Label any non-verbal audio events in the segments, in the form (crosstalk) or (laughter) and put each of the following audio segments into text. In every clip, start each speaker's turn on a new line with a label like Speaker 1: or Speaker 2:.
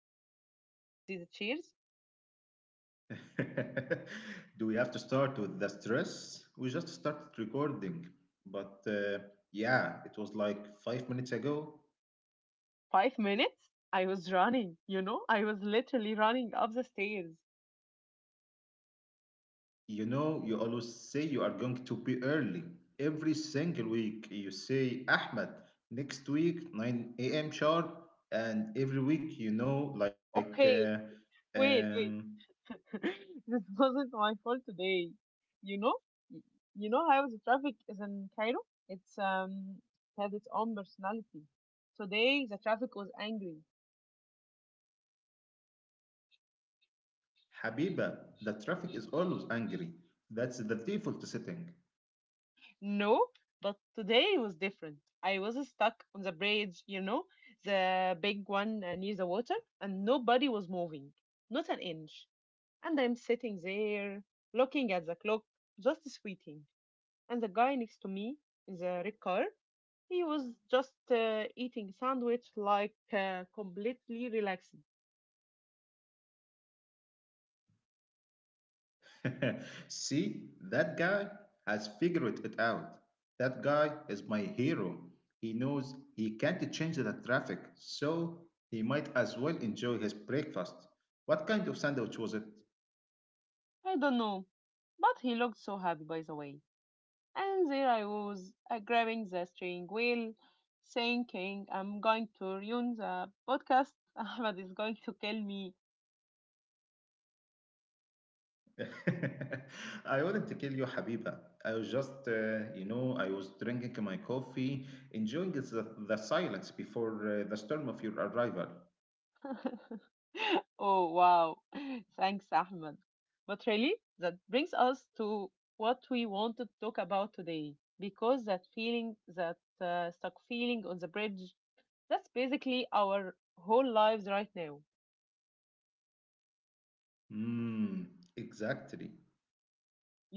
Speaker 1: sit down in these chairs.
Speaker 2: (laughs) Do we have to start with the stress? We just started recording. But Yeah, it was like 5 minutes ago.
Speaker 1: 5 minutes? I was running, I was literally running up the stairs.
Speaker 2: You know, you always say you are going to be early. Every single week, you say, Ahmed, next week, 9 a.m. sharp. And every week,
Speaker 1: Okay, wait,
Speaker 2: um,
Speaker 1: wait. (laughs) This wasn't my fault today. You know, Y- you know how the traffic is in Cairo. It's has its own personality. Today the traffic was angry.
Speaker 2: Habiba, the traffic is always angry. That's the default setting.
Speaker 1: No, but today was different. I was stuck on the bridge. You know, the big one near the water, and nobody was moving, not an inch. And I'm sitting there looking at the clock, just sweating. And the guy next to me in the red car, he was just eating sandwich like completely relaxed.
Speaker 2: (laughs) See, that guy has figured it out. That guy is my hero. He knows he can't change the traffic, so he might as well enjoy his breakfast. What kind of sandwich was it?
Speaker 1: I don't know, but he looked so happy by the way. And there I was grabbing the steering wheel, thinking I'm going to ruin the podcast. (laughs) Ahmed is going to kill me.
Speaker 2: (laughs) I wouldn't kill you, Habiba. I was just I was drinking my coffee, enjoying the silence before the storm of your arrival.
Speaker 1: (laughs) Oh wow, (laughs) thanks Ahmed. But really, that brings us to what we want to talk about today, because that feeling, that stuck feeling on the bridge, that's basically our whole lives right now.
Speaker 2: Hmm, exactly.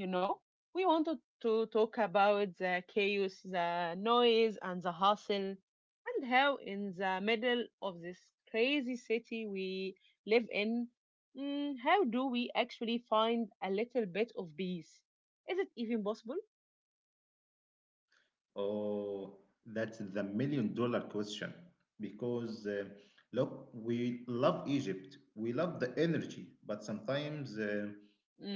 Speaker 1: You know, we wanted to talk about the chaos, the noise, and the hustle, and how in the middle of this crazy city we live in, how do we actually find a little bit of peace? Is it even possible?
Speaker 2: Oh, that's the million-dollar question. Because look, we love Egypt, we love the energy, but sometimes,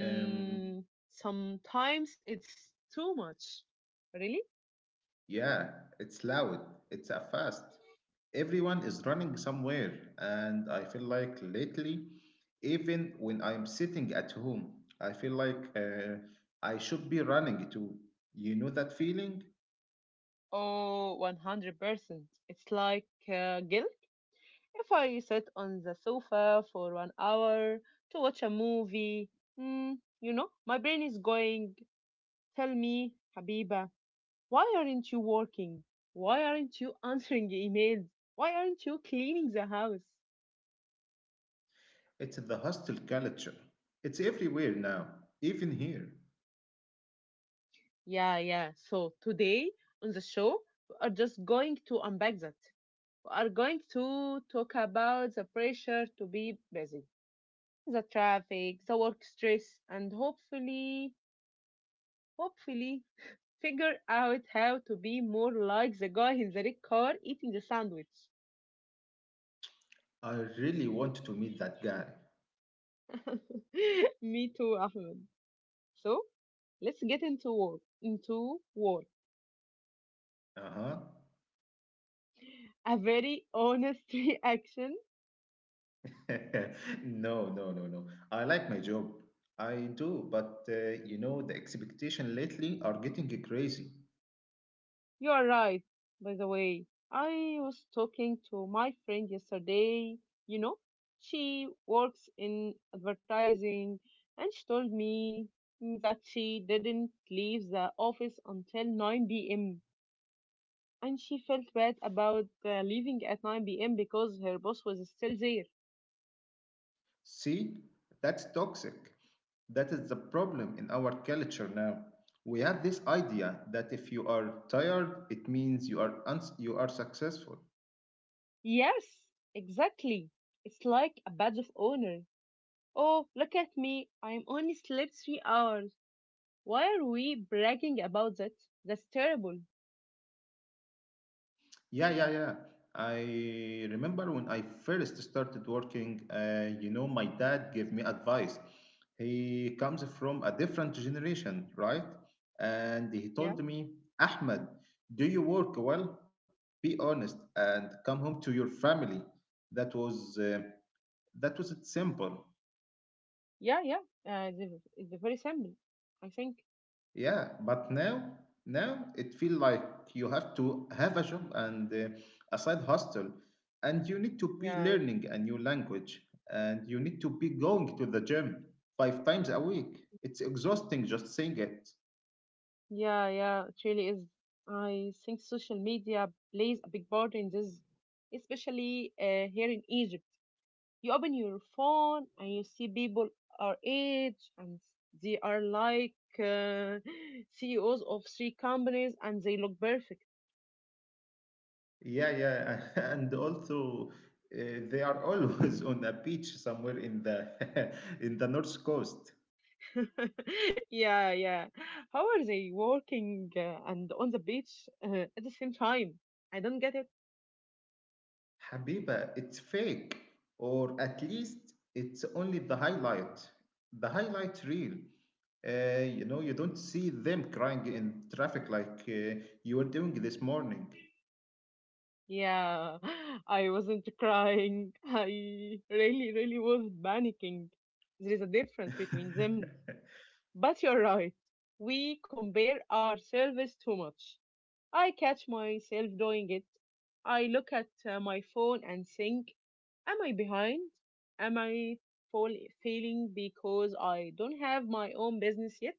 Speaker 2: um,
Speaker 1: Sometimes it's too much. Really?
Speaker 2: yeah, it's loud, it's a fast. Everyone is running somewhere, and I feel like lately, even when I'm sitting at home, I feel like I should be running too. You know that feeling?
Speaker 1: Oh, 100%. It's like guilt. If I sit on the sofa for 1 hour to watch a movie, my brain is going, tell me, Habiba, why aren't you working? Why aren't you (laughs) answering emails? Why aren't you cleaning the house?
Speaker 2: It's the hostel culture. It's everywhere now, even here.
Speaker 1: Yeah, yeah. So today on the show, we are just going to unpack that. We are going to talk about the pressure to be busy, the traffic, the work stress, and hopefully, figure out how to be more like the guy in the red car eating the sandwich.
Speaker 2: I really want to meet that guy.
Speaker 1: (laughs) Me too, Ahmed. So let's get into work. Into work.
Speaker 2: Uh huh.
Speaker 1: A very honest (laughs) reaction.
Speaker 2: (laughs) No, no, no, no. I like my job. I do, but the expectation lately are getting crazy.
Speaker 1: You are right, by the way. I was talking to my friend yesterday. You know, she works in advertising and she told me that she didn't leave the office until 9 p.m. and she felt bad about leaving at 9 p.m. because her boss was still there.
Speaker 2: See, that's toxic. That is the problem in our culture now. We have this idea that if you are tired, it means you are you are successful.
Speaker 1: Yes, exactly. It's like a badge of honor. Oh, look at me. I'm only slept 3 hours. Why are we bragging about that? That's terrible.
Speaker 2: Yeah, yeah, yeah. I remember when I first started working, my dad gave me advice. He comes from a different generation, right? And he
Speaker 1: Yeah,
Speaker 2: told me, Ahmed, do you work well? Be honest and come home to your family. That was uh, that was it simple.
Speaker 1: yeah, yeah. Uh, it's, it's very simple, I think.
Speaker 2: Yeah, but now, now it feels like you have to have a job and a side hustle, and you need to be
Speaker 1: Yeah,
Speaker 2: learning a new language, and you need to be going to the gym five times a week. It's exhausting just saying it.
Speaker 1: yeah, yeah. It really is. I think social media plays a big part in this, especially here in Egypt. You open your phone and you see people our age and they are like (laughs) CEOs of three companies and they look perfect.
Speaker 2: Yeah, yeah, (laughs) and also uh, they are always (laughs) on a beach somewhere in the (laughs) in the north coast.
Speaker 1: (laughs) Yeah, yeah. How are they working and on the beach at the same time? I don't get it.
Speaker 2: Habiba, it's fake, or at least it's only the highlight reel. You don't see them crying in traffic like you were doing this morning.
Speaker 1: Yeah, (laughs) I wasn't crying. (laughs) I really, really was panicking. There is a difference between
Speaker 2: (laughs)
Speaker 1: them. But you're right. We compare ourselves too much. I catch myself doing it. I look at my phone and think, am I behind? Am I fall- failing because I don't have my own business yet?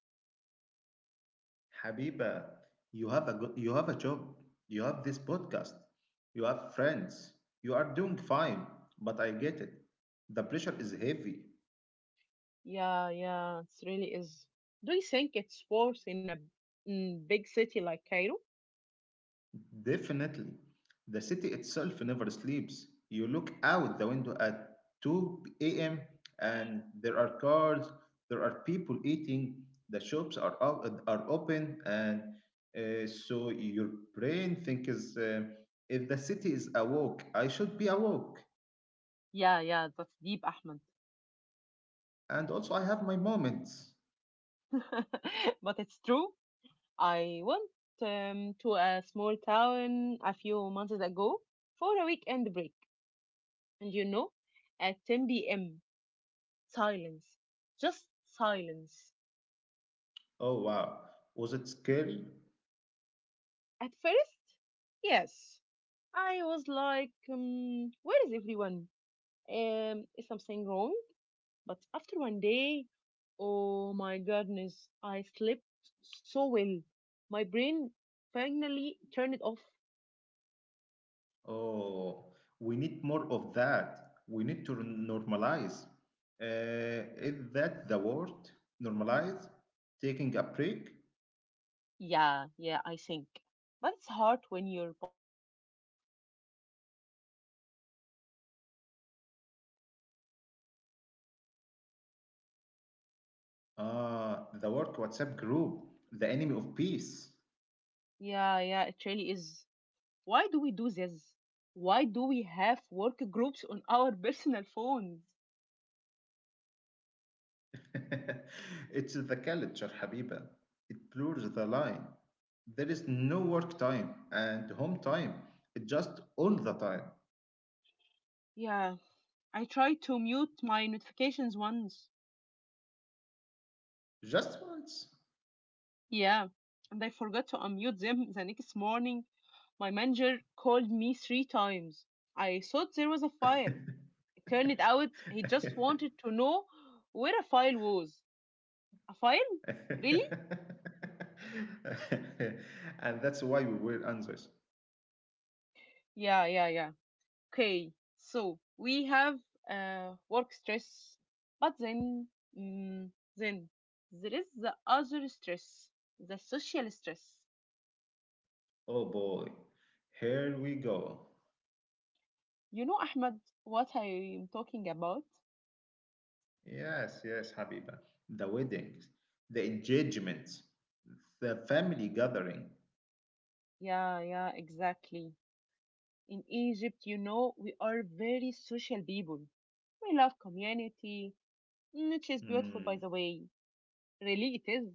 Speaker 2: Habiba, you have a you have a job, you have this podcast, you have friends, you are doing fine. But I get it. The pressure is heavy.
Speaker 1: Yeah, yeah, it really is. Do you think it's worse in a big city like Cairo?
Speaker 2: Definitely. The city itself never sleeps. You look out the window at 2 a.m. and there are cars, there are people eating, the shops are open, and so your brain thinks if the city is awoke, I should be awoke.
Speaker 1: Yeah, yeah, that's deep, Ahmed.
Speaker 2: And also, I have my moments.
Speaker 1: (laughs) But it's true. I went to a small town a few months ago for a weekend break. And you know, at 10 p.m. Silence. Just silence.
Speaker 2: Oh wow, was it scary?
Speaker 1: At first, yes. I was like, where is everyone? Is something wrong? But after one day, oh my goodness, I slept so well. My brain finally turned it off.
Speaker 2: Oh, we need more of that. We need to normalize. Is that the word? Normalize? Taking a break?
Speaker 1: Yeah, yeah, I think. But it's hard when your boss expects you to answer WhatsApp messages at 11 p.m.
Speaker 2: Ah, the work WhatsApp group, the enemy of peace.
Speaker 1: Yeah, yeah, it really is. Why do we do this? Why do we have work groups on our (laughs) personal phones?
Speaker 2: (laughs) It's the culture, Habiba. It blurs the line. There is no work time and home time. It's just all the time.
Speaker 1: Yeah, I tried to mute my notifications once.
Speaker 2: Just once.
Speaker 1: Yeah, and I forgot to unmute them the next morning. My manager called me three times. I thought there was a file. It turned out he just wanted
Speaker 2: (laughs)
Speaker 1: to know where a file was. A file? Really?
Speaker 2: (laughs) And that's why we will answers.
Speaker 1: Yeah, yeah, yeah. Okay, so we have work stress, but mm, then there is the other stress, the social stress.
Speaker 2: Oh boy, here we go.
Speaker 1: You know, Ahmed, what I am talking about?
Speaker 2: Yes, yes, Habiba. The weddings, the engagements, the family gathering.
Speaker 1: Yeah, yeah, exactly. In Egypt, we are very social people. We love community, which is beautiful, by
Speaker 2: Hmm,
Speaker 1: the way. Really, it is.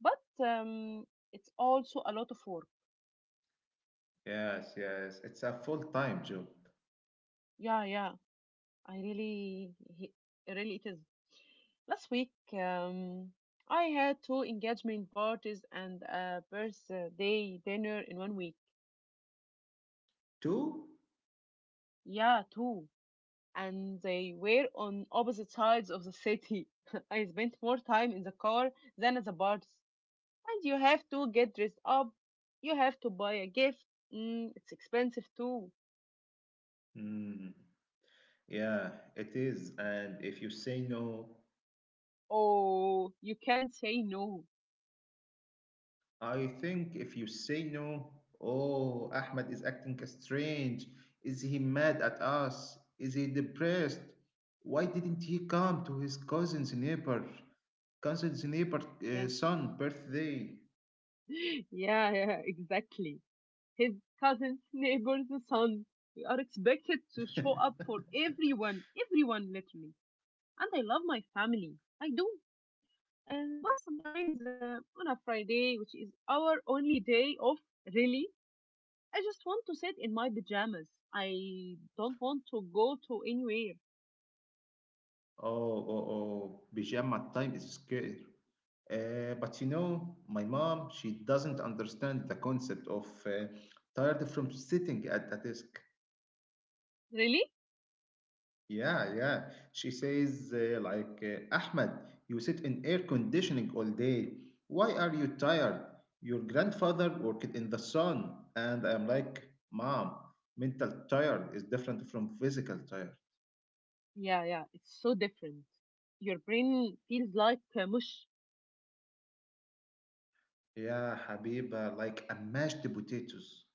Speaker 1: But it's also a lot of work.
Speaker 2: yes, yes, it's a full time job.
Speaker 1: Yeah, yeah, I really, he- really, it is. Last week, I had two engagement parties and a birthday dinner in one week.
Speaker 2: Two?
Speaker 1: Yeah, two. And they were on opposite sides of the city. (laughs) I spent more time in the car than at the parties. And you have to get dressed up. You have to buy a gift. It's expensive too.
Speaker 2: Hmm, yeah, it is. And if you say no,
Speaker 1: Oh, you can't say no.
Speaker 2: I think if you say no, oh, Ahmed is acting strange. Is he mad at us? Is he depressed? Why didn't he come to his cousin's neighbor
Speaker 1: Yeah,
Speaker 2: son birthday? (laughs)
Speaker 1: (laughs) yeah, yeah, exactly. His cousins, neighbors, the son are expected to show up for everyone, everyone literally. And I love my family. I do. But sometimes on a Friday, which is our only day off, really, I just want to sit in my pajamas. I don't want to go to anywhere.
Speaker 2: Oh, oh, oh, pajama time is scary. But my mom, she doesn't understand the concept of tired from sitting at a desk.
Speaker 1: Really?
Speaker 2: Yeah, yeah. She says, Ahmed, you sit in air conditioning all day. Why are you tired? Your grandfather worked in the sun. And I'm like, Mom, mental tired is different from physical tired.
Speaker 1: Yeah, yeah. It's so different. Your brain feels like mush.
Speaker 2: Yeah, Habiba, like a mashed potatoes.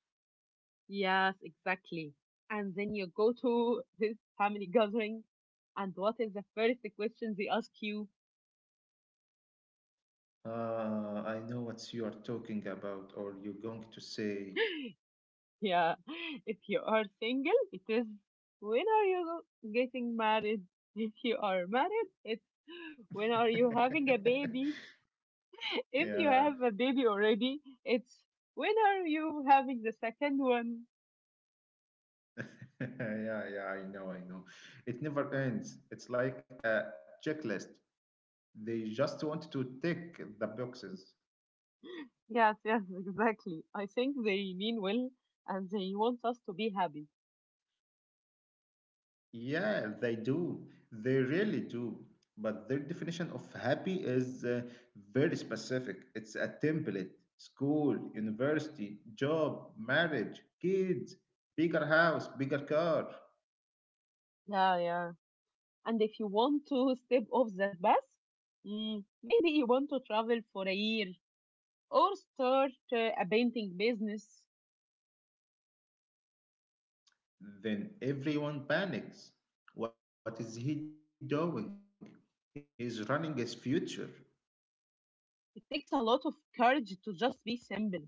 Speaker 1: Yes, exactly. And then you go to (laughs) this family gathering, and what is the first question they ask you?
Speaker 2: I know what you are talking about, or you're going to say.
Speaker 1: Yeah, (laughs) if you are single, it is when are you getting married? (laughs) If you are married, it's (laughs) when are you having a baby?
Speaker 2: (laughs)
Speaker 1: (laughs) If you
Speaker 2: Yeah.
Speaker 1: have a baby already, it's when are you having the second one?
Speaker 2: (laughs) Yeah, yeah, I know, I know. It never ends. It's like a checklist. They just want to tick the boxes.
Speaker 1: Yes, yes, (laughs) exactly. I think they mean well and they want us to be happy.
Speaker 2: Yeah, they do. They really do. But their definition of happy is very specific. It's a template. School, university, job, marriage, kids, bigger house, bigger car.
Speaker 1: Yeah, yeah. And if you want to step off that bus, maybe you want to travel for a year or start a painting business.
Speaker 2: Then everyone panics. What is he doing? He's running his future.
Speaker 1: It takes a lot of courage to just be simple,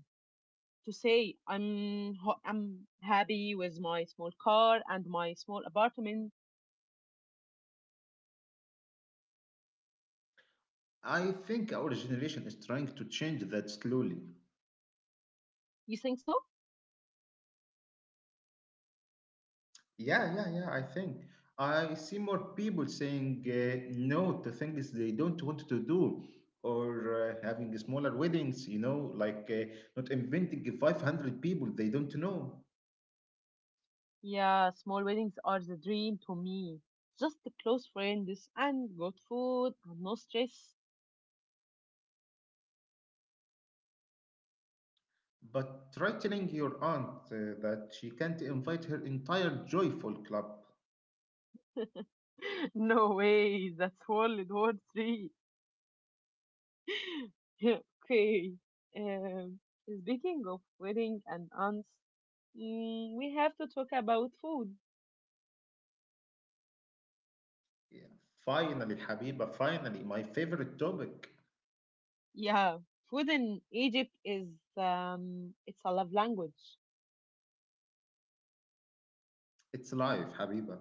Speaker 1: to say I'm happy with my small car and my small apartment.
Speaker 2: I think our generation is trying to change that slowly.
Speaker 1: You think so?
Speaker 2: Yeah, yeah, yeah, I think. I see more people saying no to things they don't want to do or having smaller weddings, you know, like not inventing 500 people they don't know.
Speaker 1: Yeah, small weddings are the dream to me. Just close friends and good food and no stress.
Speaker 2: But try telling your aunt that she can't invite her entire joyful club.
Speaker 1: (laughs) No way, that's World War III. (laughs) Okay. Um, Speaking of wedding and aunts, we have to talk about food.
Speaker 2: Yeah. Finally, Habiba, finally, my favorite topic.
Speaker 1: Yeah, food in Egypt is it's a love language.
Speaker 2: It's life, Habiba.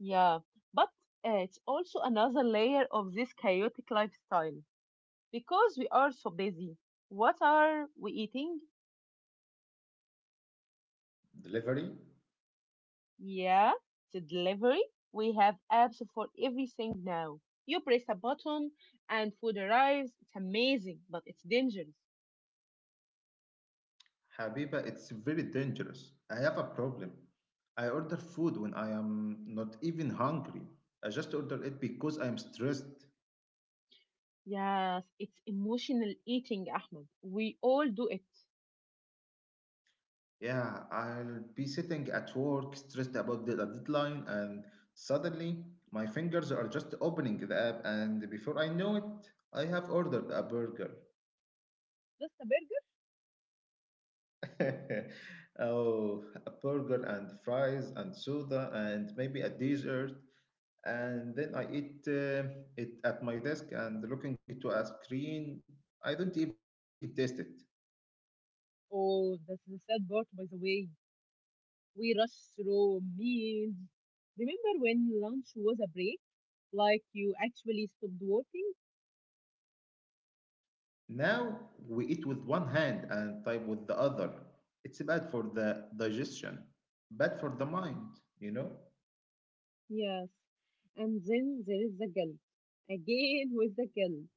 Speaker 1: Yeah, but it's also another layer of this chaotic lifestyle because we are so busy. What are we eating?
Speaker 2: Delivery.
Speaker 1: Yeah, the delivery. We have apps for everything now. You press a button and food arrives. It's amazing, but it's dangerous.
Speaker 2: Habiba, it's very dangerous. I have a problem. I order food when I am not even hungry. I just order it because I'm stressed.
Speaker 1: Yes, it's emotional eating, Ahmed. We all do it.
Speaker 2: Yeah, I'll be sitting at work stressed about the deadline, and suddenly my fingers are just opening the app, and before I know it, I have ordered a burger.
Speaker 1: Just a burger?
Speaker 2: (laughs) Oh, a burger and fries and soda and maybe a dessert. And then I eat it at my desk and looking to a screen. I don't even taste it.
Speaker 1: Oh, that's the sad part, by the way. We rush through meals. Remember when lunch was a break? Like you actually stopped working?
Speaker 2: Now we eat with one hand and type with the other. It's bad for the digestion, bad for the mind, you know?
Speaker 1: Yes. And then there is the guilt. Again with the guilt.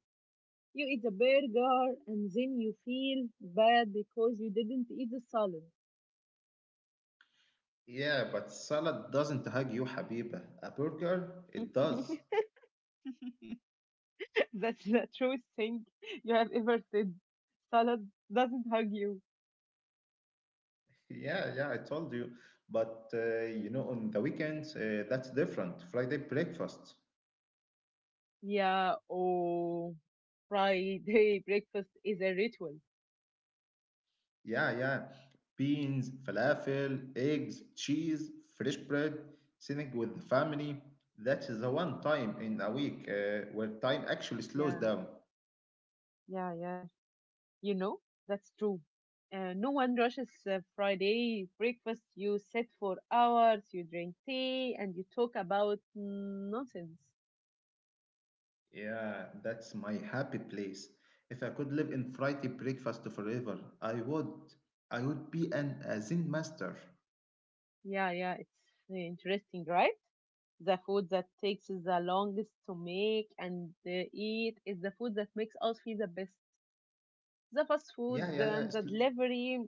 Speaker 1: You eat the burger and then you feel bad because you didn't eat the salad.
Speaker 2: Yeah, but salad doesn't hug you, Habiba. A burger, it does.
Speaker 1: (laughs) That's the truest thing you have ever said. Salad doesn't hug you.
Speaker 2: Yeah, yeah, I told you. But on the weekends, that's different. Friday breakfast.
Speaker 1: Yeah, or Friday (laughs) breakfast is a ritual.
Speaker 2: Yeah, yeah. Beans, falafel, eggs, cheese, fresh bread, sitting with the family. That is the one time in a week where time actually slows
Speaker 1: Yeah,
Speaker 2: down.
Speaker 1: yeah, yeah. You know, that's true. No one rushes Friday breakfast. You sit for hours, you drink tea, and you talk about nonsense.
Speaker 2: Yeah, that's my happy place. If I could live in Friday breakfast forever, I would. I would be an a Zen master.
Speaker 1: Yeah, yeah, it's interesting, right? The food that takes the longest to make and eat is the food that makes us feel the best. The fast
Speaker 2: Yeah,
Speaker 1: food
Speaker 2: yeah, yeah.
Speaker 1: and
Speaker 2: It's,
Speaker 1: the delivery,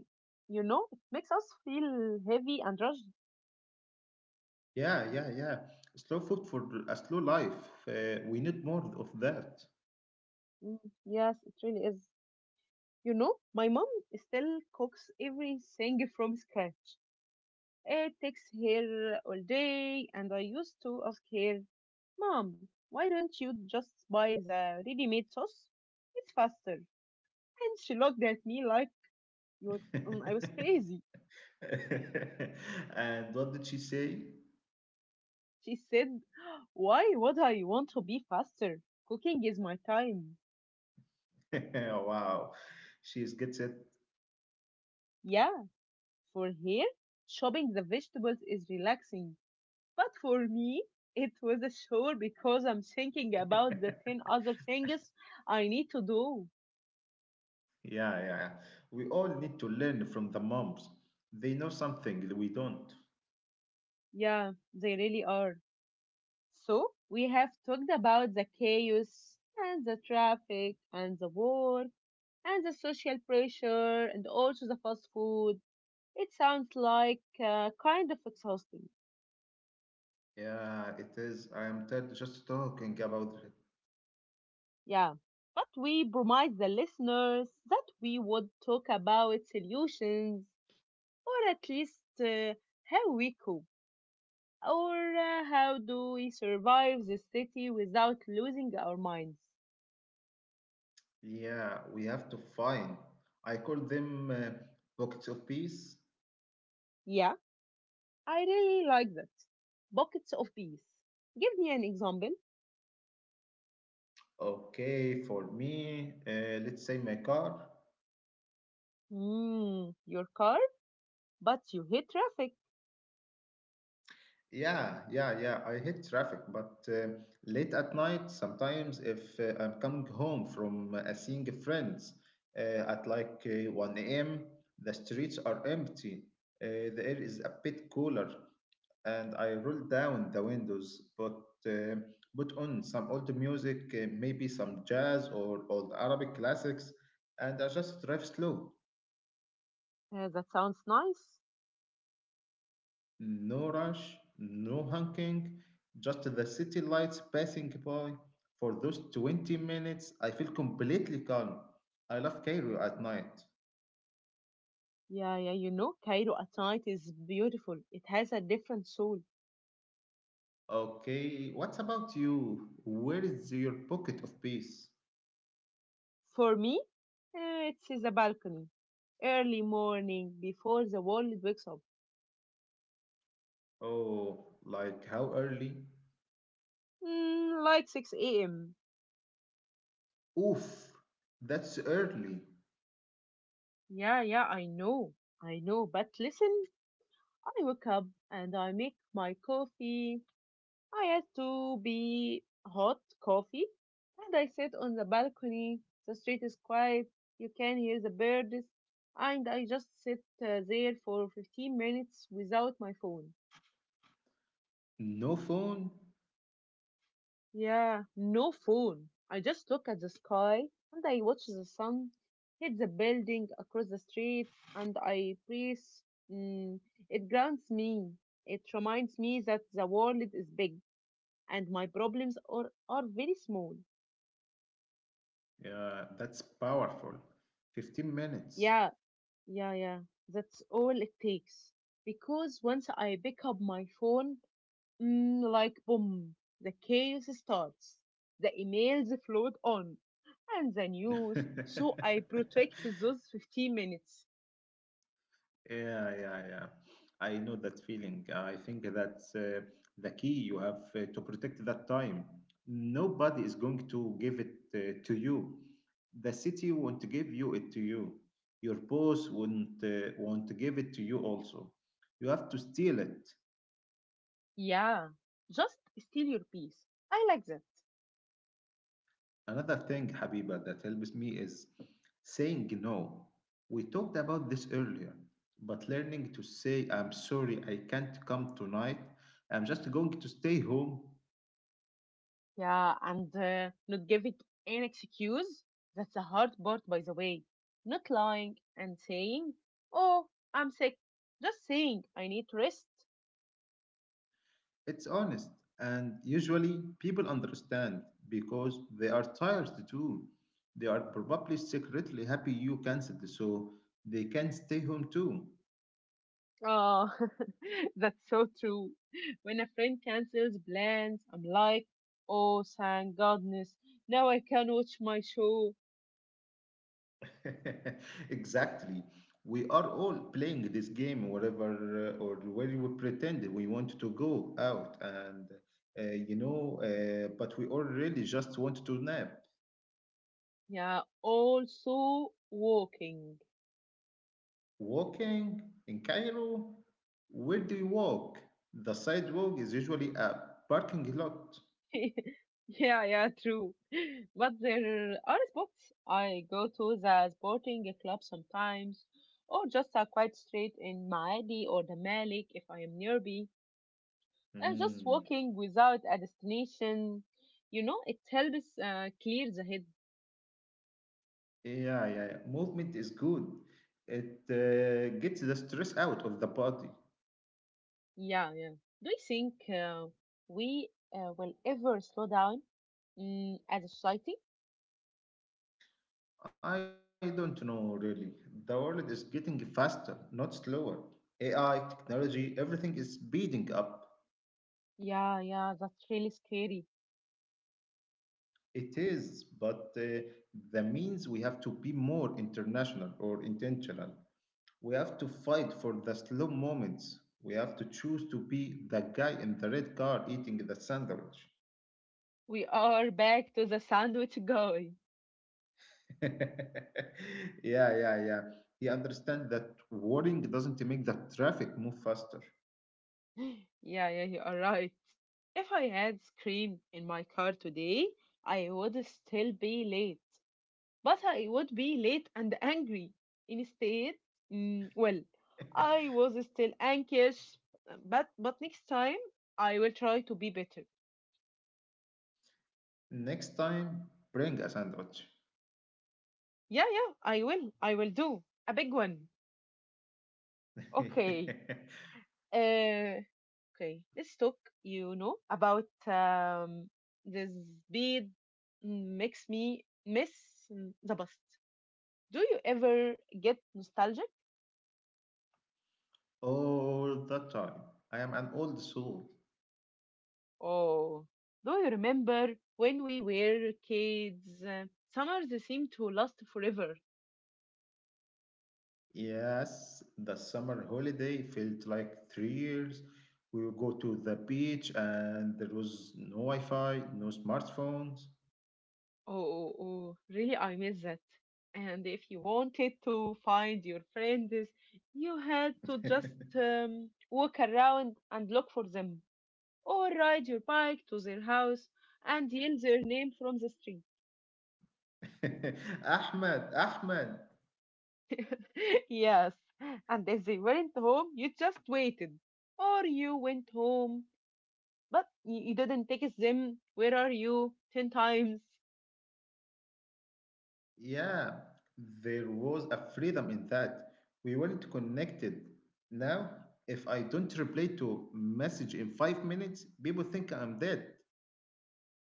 Speaker 1: you know, it makes us feel heavy and rushed.
Speaker 2: Yeah, yeah, yeah. Slow food for a slow life. We need more of that.
Speaker 1: Mm, yes, it really is. You know, my mom still cooks everything from scratch. It takes her all day, and I used to ask her, Mom, why don't you just buy the ready-made sauce? It's faster. And she looked at me like you I was
Speaker 2: (laughs)
Speaker 1: crazy.
Speaker 2: And what did she say?
Speaker 1: She said, Why would I want to be faster? Cooking is my time.
Speaker 2: (laughs) Wow, she is gets it.
Speaker 1: Yeah, for her, chopping the vegetables is relaxing. But for me, it was a chore because I'm thinking about the 10 other things I need to do.
Speaker 2: Yeah, yeah, yeah. We all need to learn from the moms. They know something that we don't.
Speaker 1: Yeah, they really are. So, we have talked about the chaos and the traffic and the war and the social pressure and also the fast food. It sounds like kind of exhausting.
Speaker 2: Yeah, it is. I am tired just talking about it.
Speaker 1: Yeah. But we promised the listeners that we would talk about solutions or at least how we cope or how do we survive the city without losing our minds.
Speaker 2: Yeah, we have to find. I call them pockets of peace.
Speaker 1: Yeah, I really like that. Buckets of peace. Give me an example.
Speaker 2: Okay, for me, let's say my car.
Speaker 1: Hmm, your car, but you hit traffic.
Speaker 2: Yeah, yeah, yeah. I hate traffic, but late at night, sometimes if I'm coming home from seeing friends at like 1 a.m., the streets are empty. The air is a bit cooler, and I roll down the windows, but uh, put on some old music, maybe some jazz or old Arabic classics, and I just drive slow.
Speaker 1: That sounds nice.
Speaker 2: No rush, no honking, just the city lights passing by. For those 20 minutes, I feel completely calm. I love Cairo at night.
Speaker 1: Yeah, yeah, you know, Cairo at night is beautiful. It has a different soul.
Speaker 2: Okay, what about you? Where is your pocket of peace?
Speaker 1: For me, it is a balcony. Early morning, before the world wakes up.
Speaker 2: Oh, like how early?
Speaker 1: Like 6 a.m.
Speaker 2: Oof, that's early.
Speaker 1: Yeah, yeah, I know. I know. But listen, I wake up and I make my coffee. I had to be hot coffee, and I sit on the balcony. The street is quiet. You can hear the birds, and I just sit there for 15 minutes without my phone.
Speaker 2: No phone?
Speaker 1: Yeah, no phone. I just look at the sky and I watch the sun hit the building across the street, and I breathe. Mm, it grounds me. It reminds me that the world is big and my problems are very small.
Speaker 2: Yeah, that's powerful. 15 minutes.
Speaker 1: Yeah, yeah, yeah, that's all it takes. Because once I pick up my phone, like boom, the chaos starts. The emails float on, and the news. So I protect
Speaker 2: (laughs)
Speaker 1: those 15 minutes.
Speaker 2: Yeah, yeah, yeah. I know that feeling. I think that's the key you have to protect that time. Nobody is going to give it to you. The city won't give you it to you. Your boss won't want to give it to you also. You have to steal it.
Speaker 1: Yeah, just steal your peace. I like that.
Speaker 2: Another thing, Habiba, that helps me is saying no. We talked about this earlier, but learning to say, I'm sorry, I can't come tonight. I'm just going to stay home.
Speaker 1: Yeah, and not give it an excuse. That's the hard part, by the way. Not lying and saying, oh, I'm sick. Just saying, I need rest.
Speaker 2: It's honest, and usually people understand because they are tired too. They are probably secretly happy you cancelled, so they can stay home too.
Speaker 1: Oh, (laughs) that's so true. When a friend cancels plans, I'm like, oh, thank goodness. Now I can watch my show.
Speaker 2: (laughs) Exactly. We are all playing this game, whatever or where we pretend we want to go out, and but we already just want to nap.
Speaker 1: Yeah, also walking.
Speaker 2: Walking in Cairo, where do you walk? The sidewalk is usually a parking lot.
Speaker 1: (laughs) yeah, yeah, true. But there are spots. I go to the sporting club sometimes, or just a quiet street in Maadi or the Malik if I am nearby. And just
Speaker 2: Mm.
Speaker 1: walking without a destination, you know, it helps clear the head.
Speaker 2: Yeah, yeah, yeah. Movement is good. It gets the stress out of the body.
Speaker 1: Yeah, yeah. Do you think we will ever slow down as a society?
Speaker 2: I don't know really. The world is getting faster, not slower. AI, technology, everything is speeding up.
Speaker 1: Yeah, yeah, that's really scary.
Speaker 2: It is, but that means we have to be more international or intentional. We have to fight for the slow moments. We have to choose to be the guy in the red car eating the sandwich.
Speaker 1: We are back to the sandwich guy.
Speaker 2: (laughs) Yeah, yeah, yeah. He understands that worrying doesn't make the traffic move faster.
Speaker 1: Yeah, yeah, you are right. If I had screamed in my car today, I would still be late. But I would be late and angry. Instead, well, I was still anxious. But next time, I will try to be better.
Speaker 2: Next time, bring a sandwich.
Speaker 1: Yeah, yeah, I will. I will do a big one. Okay.
Speaker 2: (laughs)
Speaker 1: Uh, okay. Let's talk. You know about the speed makes me miss the bus. Do you ever get nostalgic?
Speaker 2: All the time. I am an old soul.
Speaker 1: Or do you remember when we were kids? Summers seem to last forever.
Speaker 2: Yes, the summer holiday felt like 3 years. We would go to the beach and there was no Wi Fi, no smartphones.
Speaker 1: Oh, really, I miss that. And if you wanted to find your friends, you had to just
Speaker 2: (laughs)
Speaker 1: walk around and look for them, or ride your bike to their house and yell their name from the street.
Speaker 2: Ahmed, Ahmed,
Speaker 1: (laughs) Yes, and if they weren't home, you just waited, or you went home, but you didn't text them, where are you, 10 times.
Speaker 2: yeah, there was a freedom in that. We weren't connected. Now, if I don't reply to message in 5 minutes, people think I'm dead.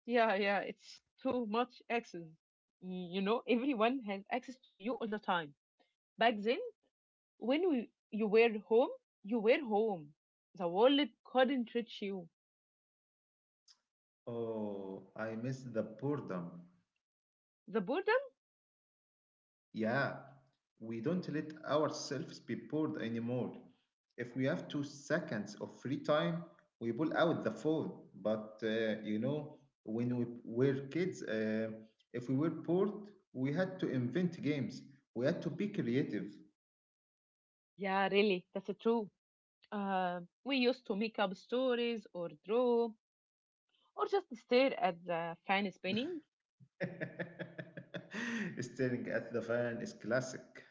Speaker 1: Yeah, yeah, it's too much access. You know, everyone has access to you all the time. Back then, you were home, you were home. The world couldn't reach you.
Speaker 2: Oh, I miss the boredom.
Speaker 1: The boredom?
Speaker 2: Yeah, we don't let ourselves be bored anymore. If we have 2 seconds of free time, we pull out the phone. But when we were kids, if we were bored, we had to invent games. We had to be creative.
Speaker 1: Yeah, really, that's true. Uh, we used to make up stories or draw or just stare at the fan spinning.
Speaker 2: (laughs) Staring at the fan is classic.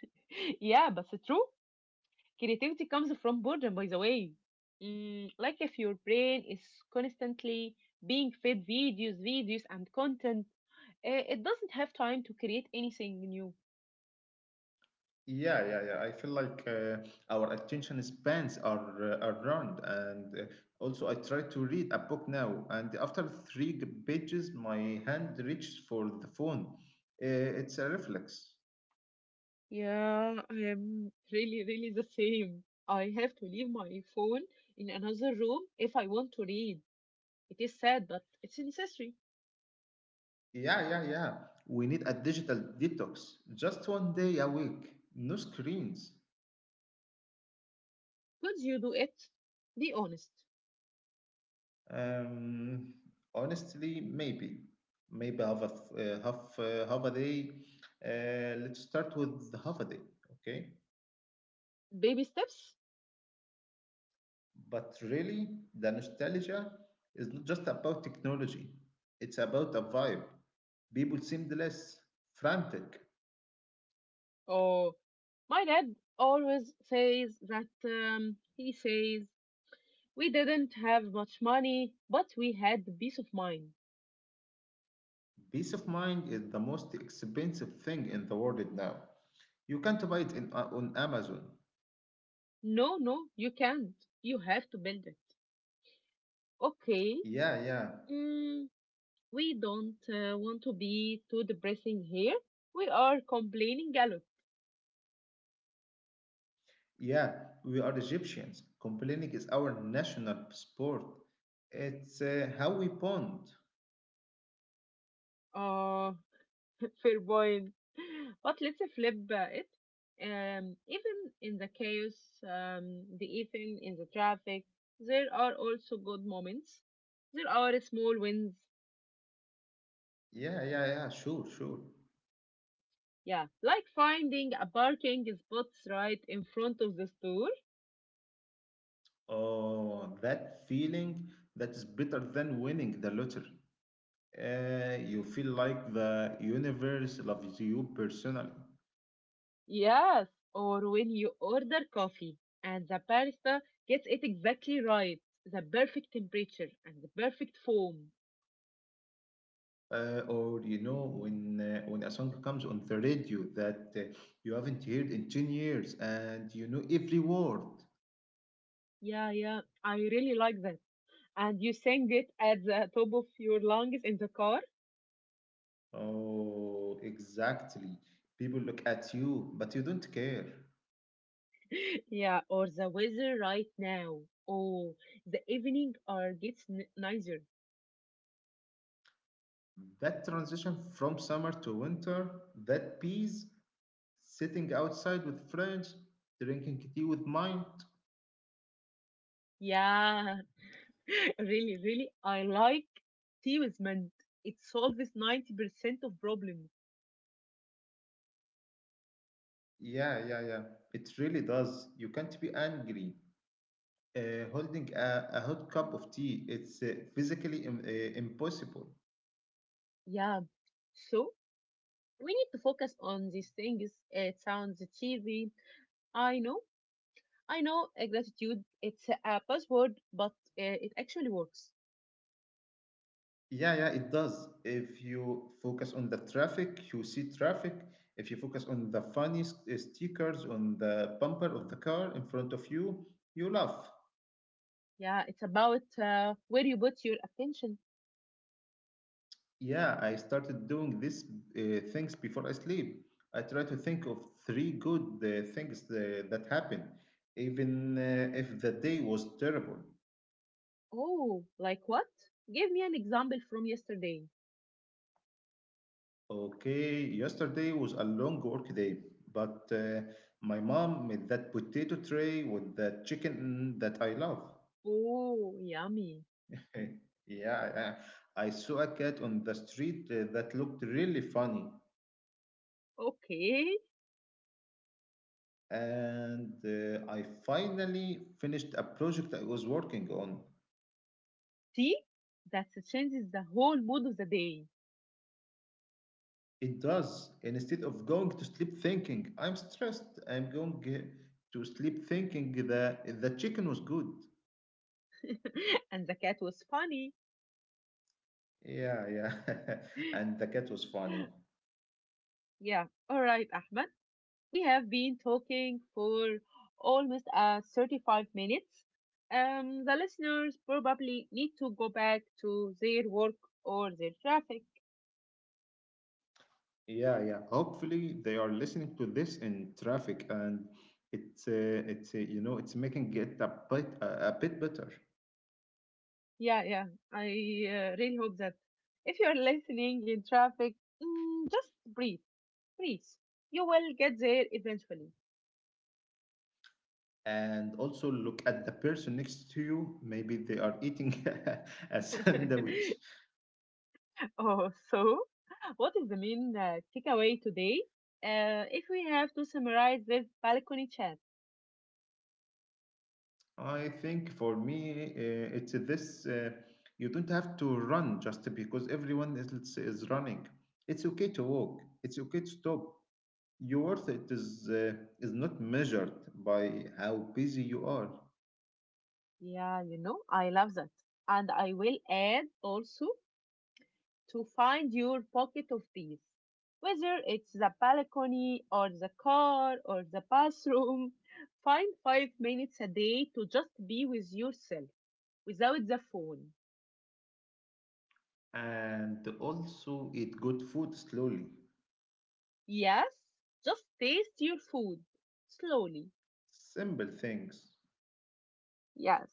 Speaker 1: (laughs) yeah, but it's true. Creativity comes from boredom, by the way. Like if your brain is constantly being fed videos, videos, and content. It doesn't have time to create anything new.
Speaker 2: Yeah, yeah, yeah. I feel like our attention spans are round, and also I try to read a book now, and after three pages, my hand reaches for the phone. It's a reflex.
Speaker 1: Yeah, I am really, really the same. I have to leave my phone in another room if I want to read. It is sad, but it's necessary.
Speaker 2: Yeah, yeah, yeah. We need a digital detox. Just one day a week, no screens.
Speaker 1: Could you do it? Be honest.
Speaker 2: Um, Honestly, maybe half a day. Let's start with half a day, okay?
Speaker 1: Baby steps?
Speaker 2: But really, the nostalgia is not just about technology, it's about a vibe. People seemed less frantic.
Speaker 1: Oh, my dad always says that, he says, we didn't have much money, but we had the peace of mind.
Speaker 2: Peace of mind is the most expensive thing in the world right now. You can't buy it on Amazon.
Speaker 1: No, no, you can't. You have to build it. Okay.
Speaker 2: Yeah, yeah,
Speaker 1: Mm, we don't want to be too depressing here. We are complaining a lot.
Speaker 2: yeah. We are Egyptians. Complaining is our national sport. It's how we bond.
Speaker 1: Oh, (laughs) fair point. (laughs) But let's flip it. Even in the chaos, the even in the traffic, there are also good moments. There are small wins.
Speaker 2: Yeah, yeah, yeah, sure, sure.
Speaker 1: Yeah, like finding a parking spot right in front of the store.
Speaker 2: Oh, that feeling that is better than winning the lottery. You feel like the universe loves you personally.
Speaker 1: Yes, or when you order coffee and the barista gets it exactly right, the perfect temperature and the perfect foam.
Speaker 2: Or when a song comes on the radio that you haven't heard in 10 years and you know every word.
Speaker 1: Yeah, yeah, I really like that. And you sang it at the top of your lungs in the car.
Speaker 2: Oh, exactly. People look at you, but you don't care.
Speaker 1: (laughs) Yeah, or the weather right now. Oh, the evening or gets nicer.
Speaker 2: That transition from summer to winter, that peace, sitting outside with friends, drinking tea with mind.
Speaker 1: Yeah, (laughs) really, really, I like tea with mint. It solves 90% of problems.
Speaker 2: Yeah, yeah, yeah. It really does. You can't be angry holding a hot cup of tea. It's physically impossible.
Speaker 1: Yeah, so we need to focus on these things. It sounds cheesy. I know. I know, gratitude, it's a buzzword, but it actually works.
Speaker 2: Yeah, yeah, it does. If you focus on the traffic, you see traffic. If you focus on the funny stickers on the bumper of the car in front of you, you laugh.
Speaker 1: Yeah, it's about where you put your attention.
Speaker 2: Yeah, I started doing these things before I sleep. I try to think of three good things that happened, even if the day was terrible.
Speaker 1: Oh, like what? Give me an example from yesterday.
Speaker 2: Okay, yesterday was a long work day, but my mom made that potato tray with the chicken that I love.
Speaker 1: Oh, yummy.
Speaker 2: (laughs) Yeah, I saw a cat on the street that looked really funny,
Speaker 1: Okay.
Speaker 2: and I finally finished a project I was working on.
Speaker 1: See? That changes the whole mood of the day.
Speaker 2: It does. And instead of going to sleep thinking, I'm stressed, I'm going to sleep thinking that the chicken was good.
Speaker 1: (laughs) And the cat was funny.
Speaker 2: Yeah, yeah. (laughs) And the cat was funny.
Speaker 1: Yeah, all right, Ahmed. We have been talking for almost 35 minutes. The listeners probably need to go back to their work or their traffic.
Speaker 2: Yeah, yeah. Hopefully they are listening to this in traffic, and it's uh, it's you know it's making it a bit a bit better.
Speaker 1: Yeah, yeah, I really hope that if you're (laughs) listening in traffic, just breathe, breathe. You will get there eventually.
Speaker 2: And also look at the person next to you. Maybe they are eating (laughs) a
Speaker 1: (laughs)
Speaker 2: sandwich.
Speaker 1: oh, so what is the main takeaway today? If we have to summarize this balcony chat,
Speaker 2: I think for me it's this. You don't have to run just because everyone is running. It's okay to walk. It's okay to stop. Your worth it is not measured by how busy you are,
Speaker 1: yeah, you know, I love that. And I will add also to find your pocket of peace. Whether it's the balcony or the car or the bathroom, (laughs) find 5 minutes a day to just be with yourself without the phone.
Speaker 2: and also eat good food slowly.
Speaker 1: Yes, just taste your food slowly.
Speaker 2: Simple things.
Speaker 1: Yes.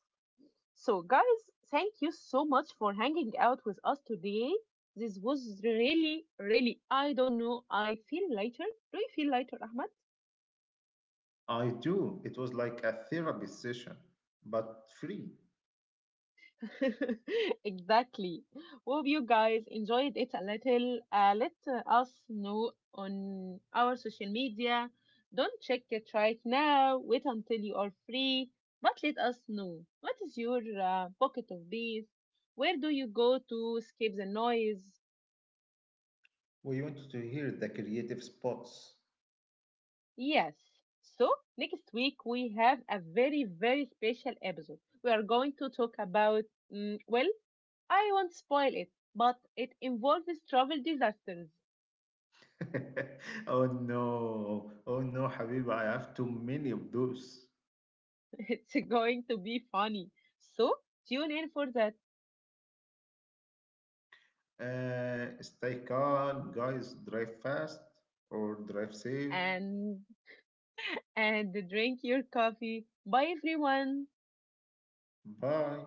Speaker 1: So, guys, thank you so much for hanging out with us today. This was really, really, I don't know. I feel lighter. Do you feel lighter, Ahmad?
Speaker 2: I do. It was like a therapy session, but free.
Speaker 1: (laughs) exactly. Hope you guys enjoyed it a little. Let us know on our social media. Don't check it right now. Wait until you are free. But let us know, what is your pocket of bees? Where do you go to escape the noise?
Speaker 2: We want to hear the creative spots.
Speaker 1: Yes. So next week we have a very very special episode. We are going to talk about well, I won't spoil it, but it involves travel disasters.
Speaker 2: (laughs) Oh no, oh no, Habiba, I have too many of those.
Speaker 1: It's going to be funny. So tune in for that,
Speaker 2: Stay calm, guys. Drive fast or drive safe.
Speaker 1: and and drink your coffee. Bye everyone.
Speaker 2: Bye.